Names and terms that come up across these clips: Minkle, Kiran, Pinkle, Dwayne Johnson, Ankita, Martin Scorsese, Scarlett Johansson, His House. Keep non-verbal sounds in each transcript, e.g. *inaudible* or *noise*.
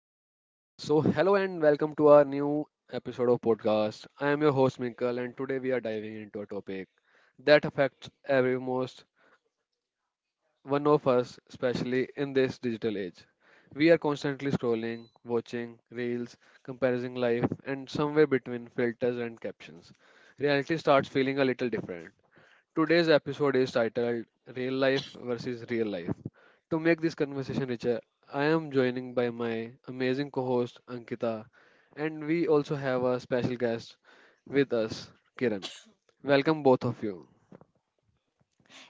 So, hello and welcome to our new episode of podcast. I am your host Minkle, and today we are diving into a topic that affects every most one of us, especially in this digital age. We are constantly scrolling, watching reels, comparing life, and somewhere between filters and captions, reality starts feeling a little different. Today's episode is titled Real Life versus Real Life. To make this conversation richer, I am joining by my amazing co host Ankita, and we also have a special guest with us, Kiran. Welcome, both of you.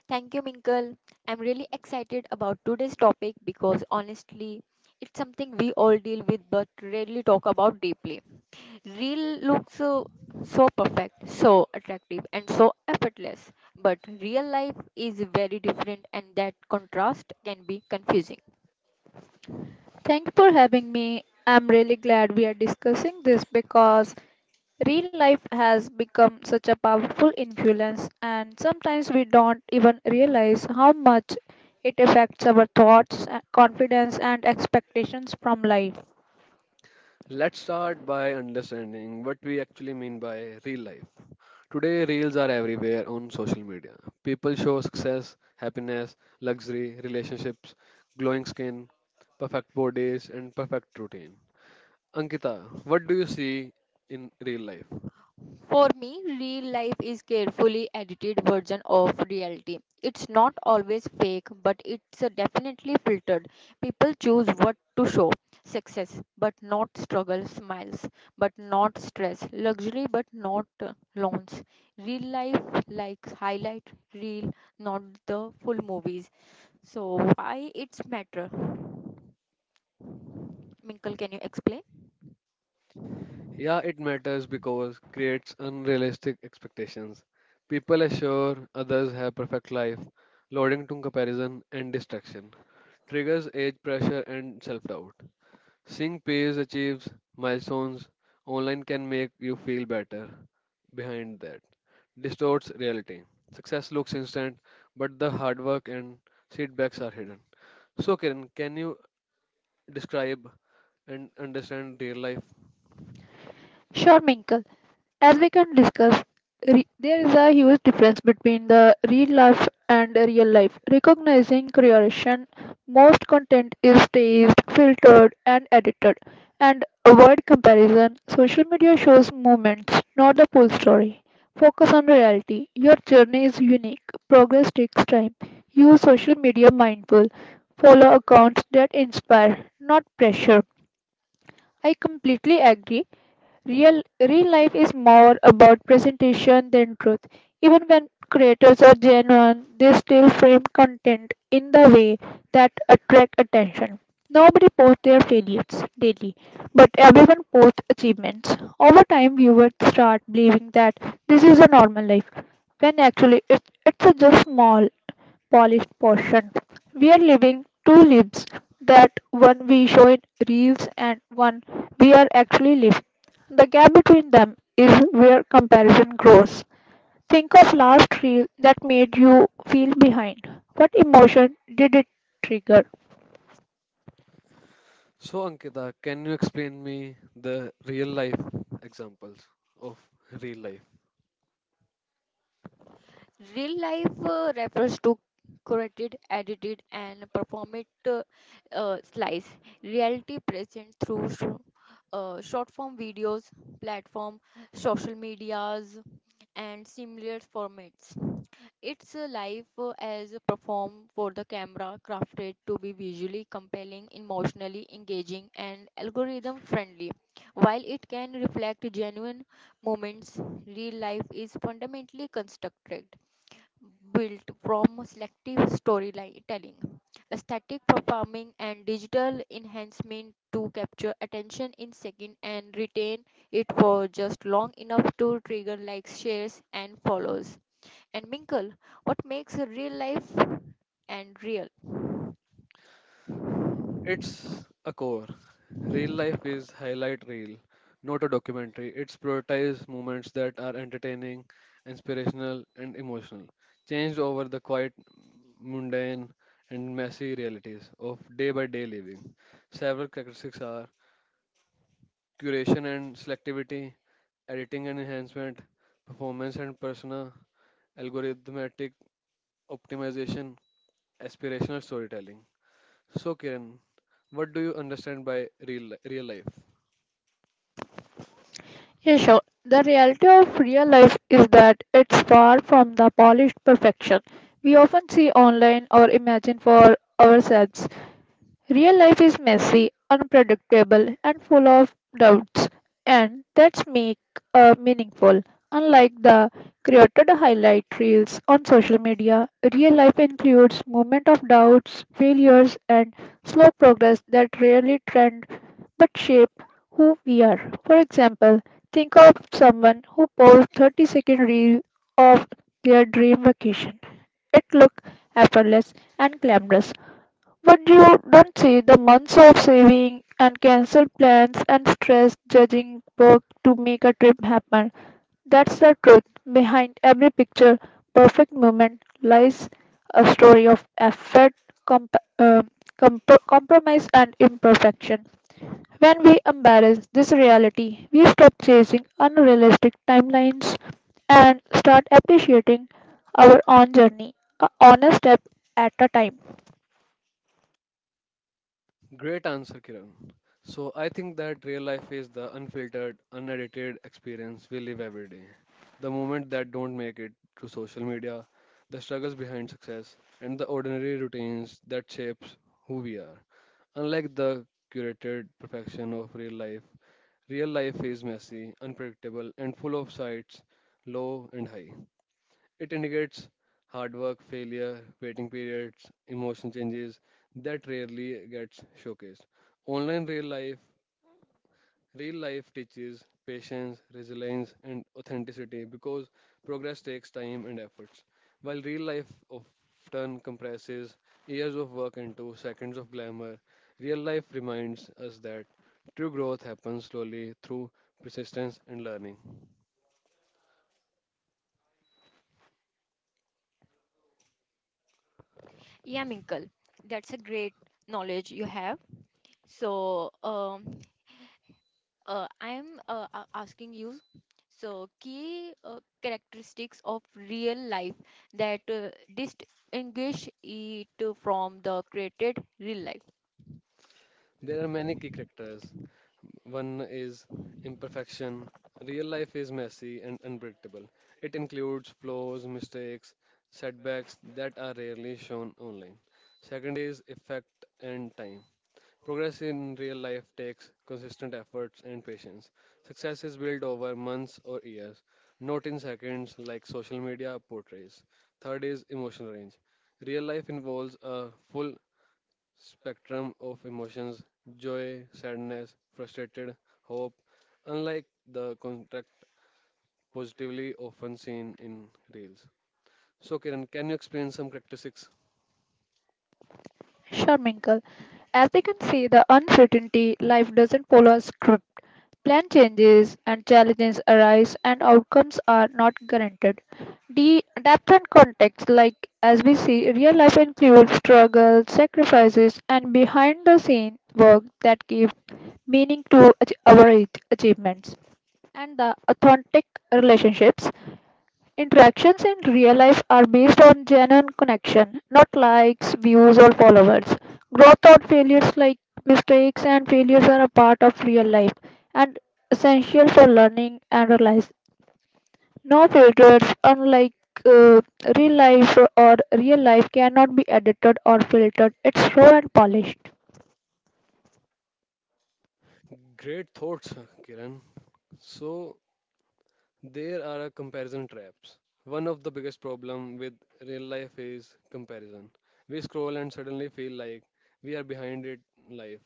Thank you, Minkle. I'm really excited about today's topic because honestly, it's something we all deal with but rarely talk about deeply. Real looks so, so perfect, so attractive, and so effortless, but real life is very different, and that contrast can be confusing. Thank you for having me. I'm really glad we are discussing this because real life has become such a powerful influence, and sometimes we don't even realize how much it affects our thoughts, confidence, and expectations from life. Let's start by understanding what we actually mean by real life. Today, reels are everywhere on social media. People show success, happiness, luxury, relationships, glowing skin, perfect bodies, and perfect routine. Ankita, what do you see in real life? For me, real life is carefully edited version of reality. It's not always fake, but it's definitely filtered. People choose what to show. Success, but not struggle, smiles, but not stress, luxury, but not loans. Real life likes highlight real, not the full movies. So why it's matter? Minkle, can you explain? Yeah, it matters because creates unrealistic expectations. People assure others have perfect life, loading to comparison and distraction, triggers age pressure and self-doubt. Seeing peers achieves milestones online can make you feel better behind that. Distorts reality. Success looks instant, but the hard work and setbacks are hidden. So Kiran, can you describe and understand real life? Sure, Minkle. As we can discuss, there is a huge difference between the real life and the real life. Recognizing creation, most content is staged, filtered, and edited. And avoid comparison. Social media shows moments, not the full story. Focus on reality. Your journey is unique. Progress takes time. Use social media mindful. Follow accounts that inspire, not pressure. I completely agree. Real life is more about presentation than truth. Even when creators are genuine, they still frame content in the way that attract attention. Nobody posts their failures daily, but everyone posts achievements. Over time, viewers start believing that this is a normal life, and actually it's a just small solid portion. We are living two lives, that one we show in reels and one we are actually living. The gap between them is where comparison grows. Think of last reel that made you feel behind. What emotion did it trigger? So, Ankita, can you explain me the real life examples of real life? Real life refers to curated, edited, and performed slice. Reality present through short form videos, platform, social medias, and similar formats. It's a life as a perform for the camera, crafted to be visually compelling, emotionally engaging, and algorithm friendly. While it can reflect genuine moments, real life is fundamentally constructed built from selective storytelling, static performing, and digital enhancement to capture attention in seconds and retain it for just long enough to trigger likes, shares, and follows. And Minkle, what makes a real life and real? It's a core. Real life is highlight reel, not a documentary. It's prioritized moments that are entertaining, inspirational, and emotional, changed over the quiet, mundane, and messy realities of day by day living. Several characteristics are curation and selectivity, editing and enhancement, performance and persona, algorithmic optimization, aspirational storytelling. So, Kiran, what do you understand by real, real life? Yeah, sure. The reality of real life is that it's far from the polished perfection we often see online or imagine for ourselves. Real life is messy, unpredictable, and full of doubts, and that's make meaningful. Unlike the created highlight reels on social media, real life includes moments of doubts, failures, and slow progress that rarely trend but shape who we are. For example, think of someone who posts 30-second reel of their dream vacation. It looked effortless and glamorous, but you don't see the months of saving and cancel plans and stress judging work to make a trip happen. That's the truth. Behind every picture, perfect moment lies a story of effort, comp- uh, compromise, and imperfection. When we embrace this reality, we stop chasing unrealistic timelines and start appreciating our own journey, a honest step at a time. Great answer, Kiran. So, I think that real life is the unfiltered, unedited experience we live every day. The moment that don't make it to social media, the struggles behind success, and the ordinary routines that shapes who we are. Unlike the curated perfection of real life is messy, unpredictable, and full of sides low and high. It indicates hard work, failure, waiting periods, emotion changes that rarely gets showcased. Online real life. Real life teaches patience, resilience, and authenticity because progress takes time and efforts. While real life often compresses years of work into seconds of glamour, real life reminds us that true growth happens slowly through persistence and learning. Yeah, Minkle, that's a great knowledge you have. So, I am asking you, so key characteristics of real life that distinguish it from the created real life. There are many key characters. One is imperfection. Real life is messy and unpredictable. It includes flaws, mistakes, setbacks that are rarely shown online. Second is effect and time. Progress in real life takes consistent efforts and patience. Success is built over months or years, not in seconds like social media portrays. Third is emotional range. Real life involves a full spectrum of emotions joy, sadness, frustrated, hope, unlike the contract positively often seen in reels. So, Kiran, can you explain some characteristics? Sharminkle. As they can see, the uncertainty life doesn't follow a script. Plan changes and challenges arise, and outcomes are not guaranteed. The depth and context, like as we see, real life includes struggles, sacrifices, and behind the scene work that give meaning to our achievements. And the authentic relationships. Interactions in real life are based on genuine connection, not likes, views, or followers. Growth or failures, like mistakes and failures, are a part of real life and essential for learning and realize. No filters, unlike uh, real life or real life, cannot be edited or filtered. It's raw and polished. Great thoughts, Kiran. So, there are a comparison traps. One of the biggest problem with real life is comparison. We scroll and suddenly feel like we are behind it life.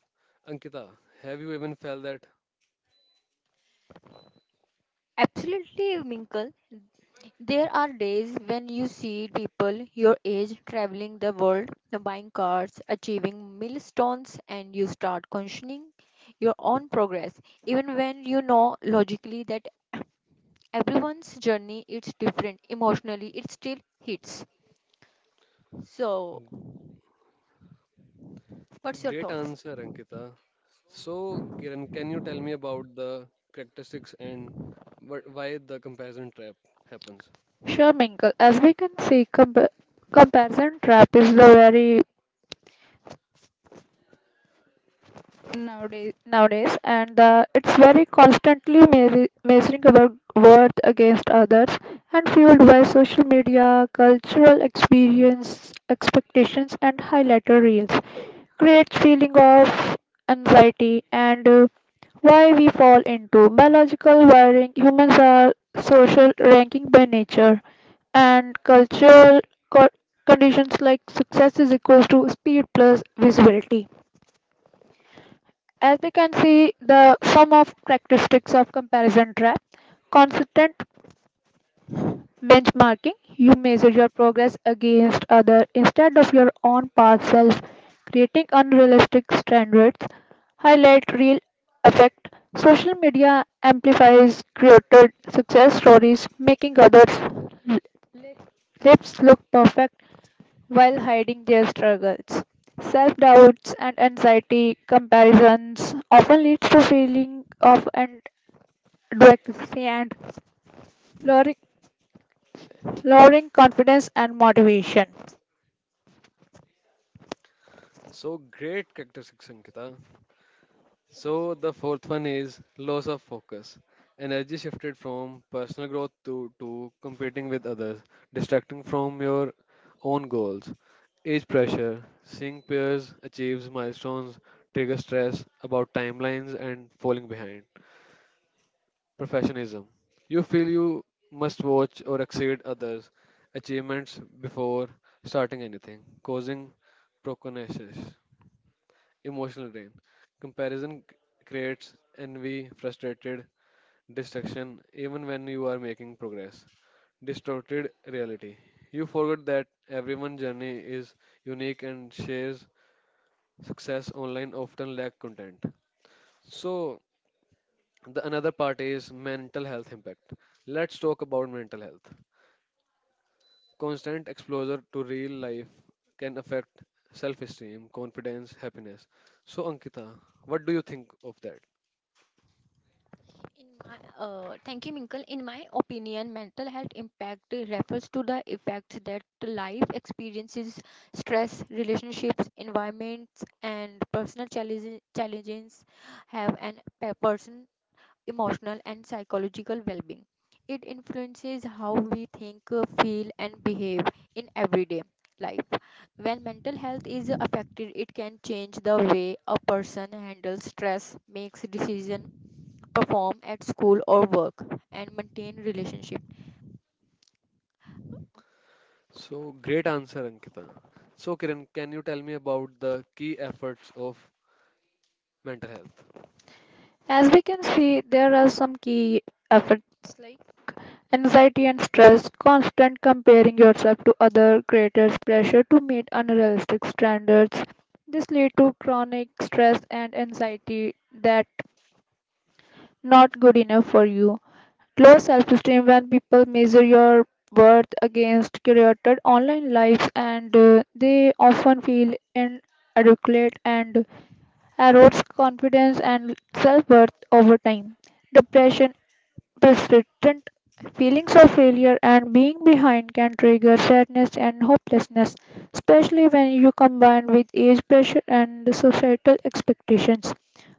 Ankita, have you even felt that? Absolutely, Minkle. There are days when you see people your age traveling the world, buying cars, achieving milestones, and you start questioning your own progress, even when you know logically that *clears throat* everyone's journey is different. Emotionally, it still hits. So, what's your Great thought? answer, Ankita. So, Kiran, can you tell me about the characteristics and what, why the comparison trap happens? Sure, Minkle. As we can see, comparison trap is the very nowadays and it's very constantly measuring our worth against others and fueled by social media cultural experience expectations and highlighter reels, creates feeling of anxiety, and why we fall into biological wiring. Humans are social ranking by nature and cultural co- conditions like success is equals to speed plus visibility. As we can see, the some of characteristics of comparison trap: consistent benchmarking. You measure your progress against other instead of your own past self, creating unrealistic standards. Highlight real effect. Social media amplifies created success stories, making others lips look perfect while hiding their struggles. Self doubts and anxiety comparisons often leads to feeling of inadequacy and lowering, lowering confidence and motivation. So, great characteristics, Ankita. So, the fourth one is loss of focus. Energy shifted from personal growth to competing with others, distracting from your own goals. Age pressure, seeing peers achieve milestones, trigger stress about timelines and falling behind. Professionalism. You feel you must watch or exceed others' achievements before starting anything, causing procrastination. Emotional drain. Comparison c- creates envy, frustrated, distraction, even when you are making progress. Distorted reality. You forget that everyone's journey is unique and shares success online often lack content. So the another part is mental health impact. Let's talk about mental health. Constant exposure to real life can affect self esteem, confidence, happiness. So, Ankita, what do you think of that? In my, Thank you, Minkle. In my opinion, mental health impact refers to the effects that life experiences, stress, relationships, environments, and personal challenges have on a person emotional, and psychological well being. It influences how we think, feel, and behave in everyday life. When mental health is affected, it can change the way a person handles stress, makes decisions, perform at school or work, and maintain relationships. So, great answer, Ankita. So, Kiran, can you tell me about the key efforts of mental health? As we can see, there are some key effects like anxiety and stress, constant comparing yourself to other creators, pressure to meet unrealistic standards. This lead to chronic stress and anxiety that not good enough for you. Low self esteem when people measure your worth against career, online lives, and they often feel inadequate and erodes confidence and self worth over time. Depression, persistent feelings of failure and being behind can trigger sadness and hopelessness, especially when you combine with age pressure and societal expectations.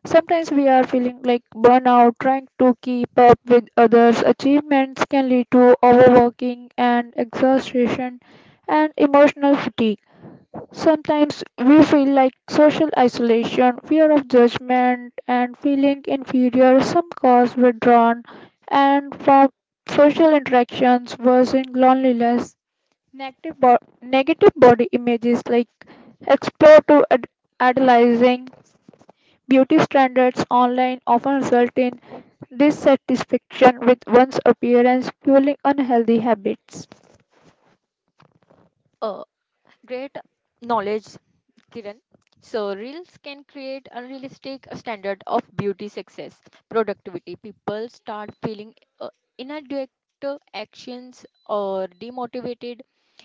Sometimes we are feeling like burnout, trying to keep up with others' achievements can lead to overworking and exhaustion and emotional fatigue. Sometimes we feel like social isolation, fear of judgment, and feeling inferior, some cause withdrawn, and from social interactions worsening loneliness. Negative, negative body images, like explore to ad- idolizing beauty standards online often result in dissatisfaction with one's appearance, fueling unhealthy habits. Great knowledge, Kiran. So, reels can create unrealistic standard of beauty, success, productivity. People start feeling uh, inadequate actions or demotivated.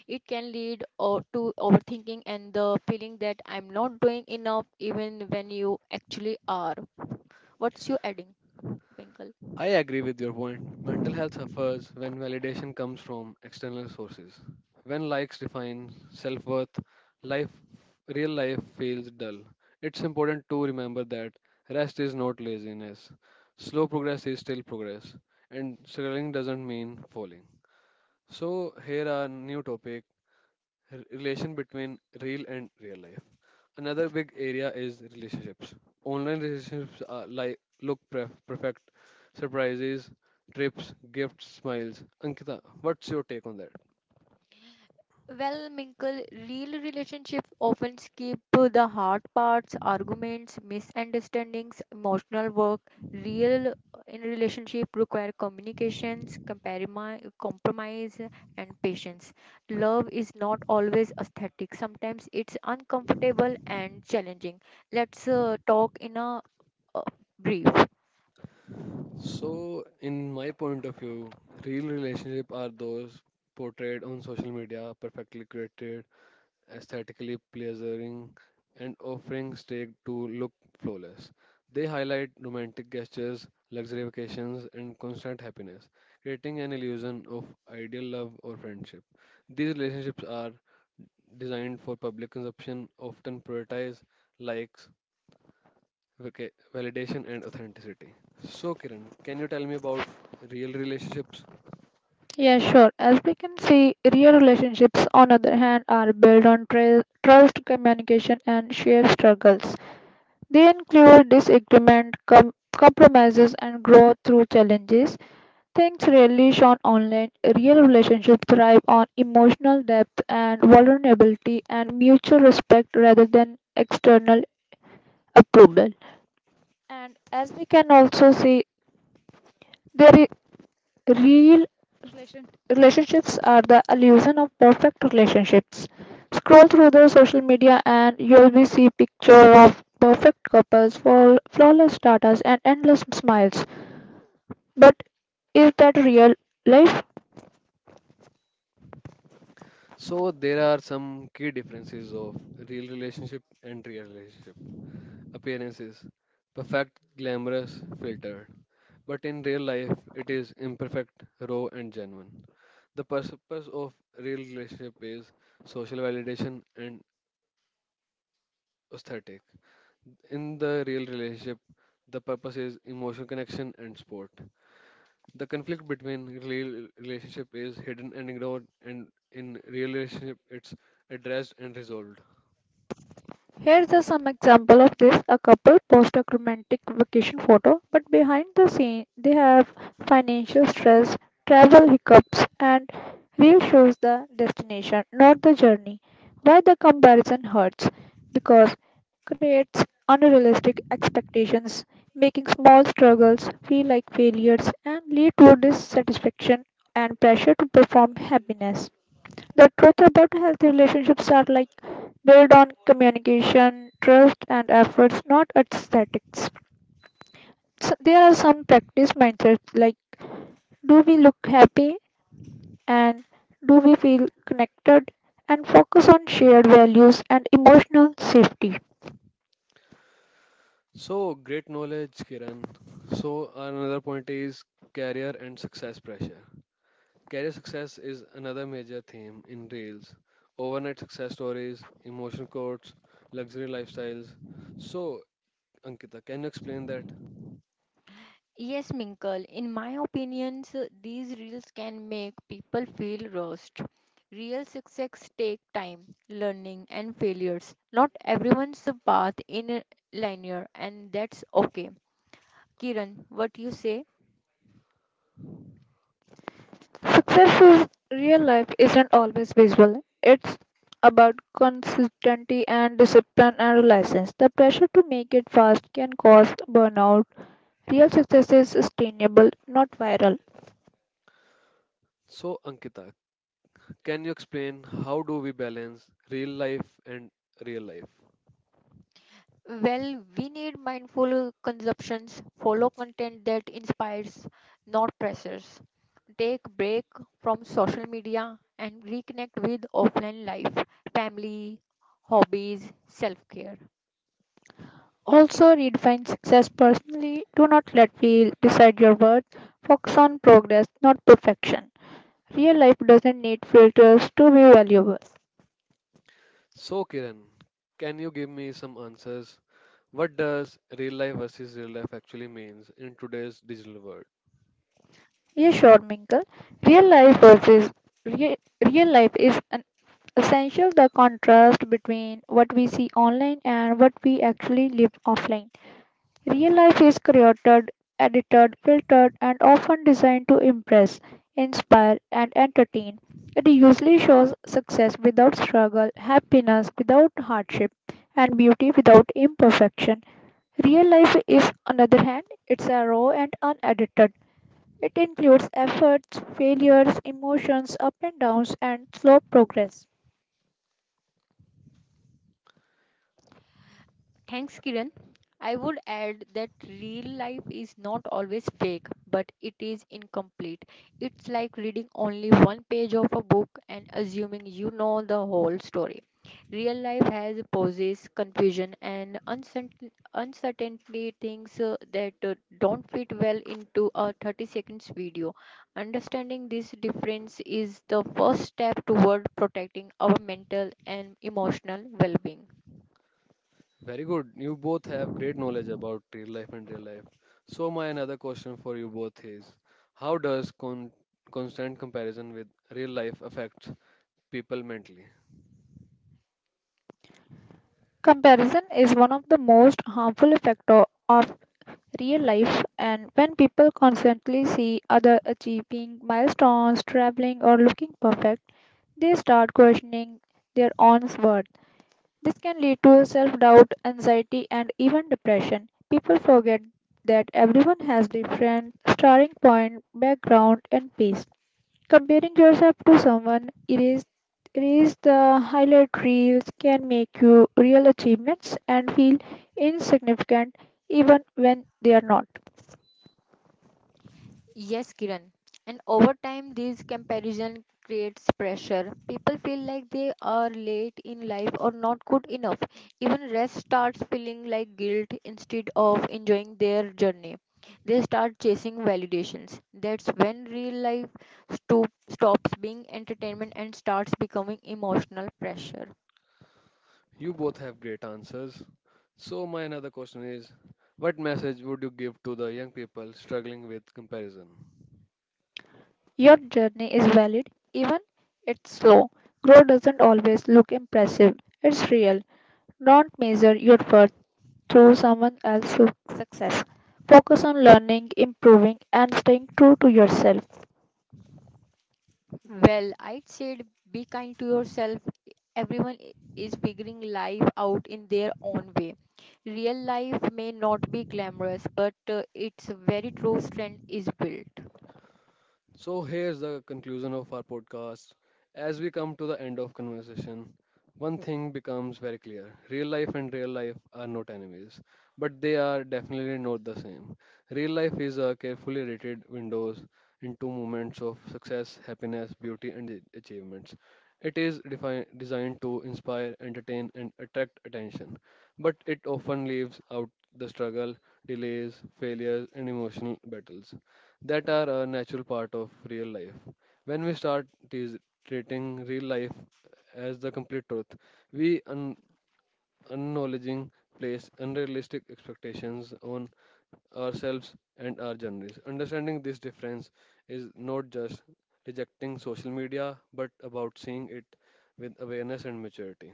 It can lead or to overthinking and the feeling that I'm not doing enough, even when you actually are. What's you adding, Pinkle? I agree with your point. Mental health suffers when validation comes from external sources. When likes define self worth, life, real life feels dull. It's important to remember that rest is not laziness. Slow progress is still progress, and struggling doesn't mean falling. So, here are new topic relation between real and real life. Another big area is relationships. Online relationships are like look perfect, surprises, trips, gifts, smiles. Ankita, what's your take on that? Well, Minkle, real relationships often skip to the hard parts, arguments, misunderstandings, emotional work. Real in relationship require communications, compromise, and patience. Love is not always aesthetic. Sometimes it's uncomfortable and challenging. Let's talk in a uh, brief. So, in my point of view, real relationship are those portrayed on social media, perfectly created, aesthetically pleasing, and offering steak to look flawless. They highlight romantic gestures, luxury vacations, and constant happiness, creating an illusion of ideal love or friendship. These relationships are designed for public consumption, often prioritize likes, validation, and authenticity. So, Kiran, can you tell me about real relationships? Yeah, sure. As we can see, real relationships, on other hand, are built on trust, communication, and shared struggles. They include disagreement, compromises, and growth through challenges. Things rarely shown online, real relationships thrive on emotional depth and vulnerability and mutual respect rather than external approval. And as we can also see, there is real relation. Relationships are the illusion of perfect relationships. Scroll through the social media and you'll be see picture of perfect couples, flawless status and endless smiles. But is that real life? So, there are some key differences of real relationship and real relationship. Appearances, perfect, glamorous, filtered. But in real life, it is imperfect, raw, and genuine. The purpose of real relationship is social validation and aesthetic. In the real relationship, the purpose is emotional connection and sport. The conflict between real relationship is hidden and ignored, and in real relationship, it's addressed and resolved. Here's some example of this. A couple post a romantic vacation photo, but behind the scene they have financial stress, travel hiccups, and real shows the destination, not the journey. Why the comparison hurts? Because creates unrealistic expectations, making small struggles feel like failures and lead to dissatisfaction and pressure to perform happiness. The truth about healthy relationships are like built on communication, trust, and efforts, not aesthetics. So there are some practice mindsets like do we look happy and do we feel connected and focus on shared values and emotional safety. So great knowledge, Kiran. So another point is career and success pressure. Career success is another major theme in Reels. Overnight success stories, emotion quotes, luxury lifestyles. So, Ankita, can you explain that? Yes, Minkle, in my opinions, these reels can make people feel rushed. Real success take time, learning and failures. Not everyone's path in a linear and that's okay. Kiran, what you say? Success in real life isn't always visual. It's about consistency and discipline and reliance. The pressure to make it fast can cause burnout. Real success is sustainable, not viral. So, Ankita, can you explain how do we balance real life and real life? Well, we need mindful consumptions, follow content that inspires, not pressures. Take break from social media and reconnect with offline life, family, hobbies, self-care. Also, redefine success personally. Do not let feel decide your worth. Focus on progress, not perfection. Real life doesn't need filters to be valuable. So, Kiran, can you give me some answers? What does real life versus real life actually means in today's digital world? Yes, sure, Minkle. Real life versus real, real life is an essential the contrast between what we see online and what we actually live offline. Real life is created, edited, filtered, and often designed to impress, inspire, and entertain. It usually shows success without struggle, happiness without hardship, and beauty without imperfection. Real life is, on the other hand, it's a raw and unedited. It includes efforts, failures, emotions, up and downs, and slow progress. Thanks, Kiran. I would add that real life is not always fake, but it is incomplete. It's like reading only one page of a book and assuming you know the whole story. Real life has pauses, confusion, and uncertainty things that don't fit well into a 30 seconds video. Understanding this difference is the first step toward protecting our mental and emotional well being. Very good. You both have great knowledge about real life and real life. So my another question for you both is, how does constant comparison with real life affect people mentally? Comparison is one of the most harmful factor of real life, and when people constantly see other achieving milestones, traveling or looking perfect, they start questioning their own worth. This can lead to self-doubt, anxiety and even depression. People forget that everyone has different starting point, background and pace. Comparing yourself to someone erase the highlight reels can make you real achievements and feel insignificant even when they are not. Yes, Kiran. And over time, these comparison creates pressure. People feel like they are late in life or not good enough. Even rest starts feeling like guilt instead of enjoying their journey. They start chasing validations. That's when real life stops being entertainment and starts becoming emotional pressure. You both have great answers. So my another question is, what message would you give to the young people struggling with comparison? Your journey is valid even it's slow. Growth doesn't always look impressive. It's real. Don't measure your worth through someone else's success. Focus on learning, improving and staying true to yourself. Well, I'd said be kind to yourself. Everyone is figuring life out in their own way. Real life may not be glamorous, but its very true strength is built. So here's the conclusion of our podcast. As we come to the end of conversation, one thing becomes very clear. Real life and real life are not enemies, but they are definitely not the same. Real life is a carefully rated windows into moments of success, happiness, beauty and achievements. It is designed to inspire, entertain and attract attention, but it often leaves out the struggle, delays, failures and emotional battles that are a natural part of real life. When we start treating real life as the complete truth, we unknowledging place unrealistic expectations on ourselves and our journeys. Understanding this difference is not just rejecting social media, but about seeing it with awareness and maturity.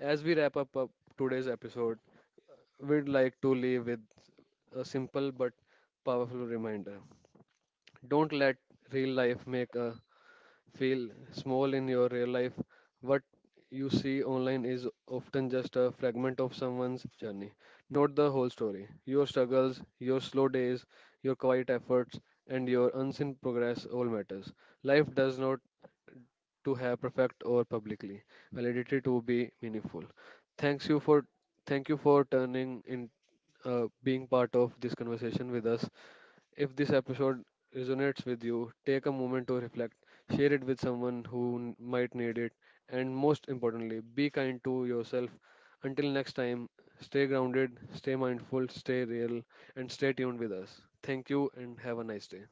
As we wrap up today's episode, we'd like to leave with a simple but powerful reminder, don't let real life make a feel small in your real life. What you see online is often just a fragment of someone's journey, not the whole story. Your struggles, your slow days, your quiet efforts, and your unseen progress all matters. Life does not to have perfect or publicly validity to be meaningful. Thanks you for thank you for turning in, being part of this conversation with us. If this episode resonates with you, take a moment to reflect, share it with someone who might need it, and most importantly, be kind to yourself. Until next time, stay grounded, stay mindful, stay real, and stay tuned with us. Thank you and have a nice day.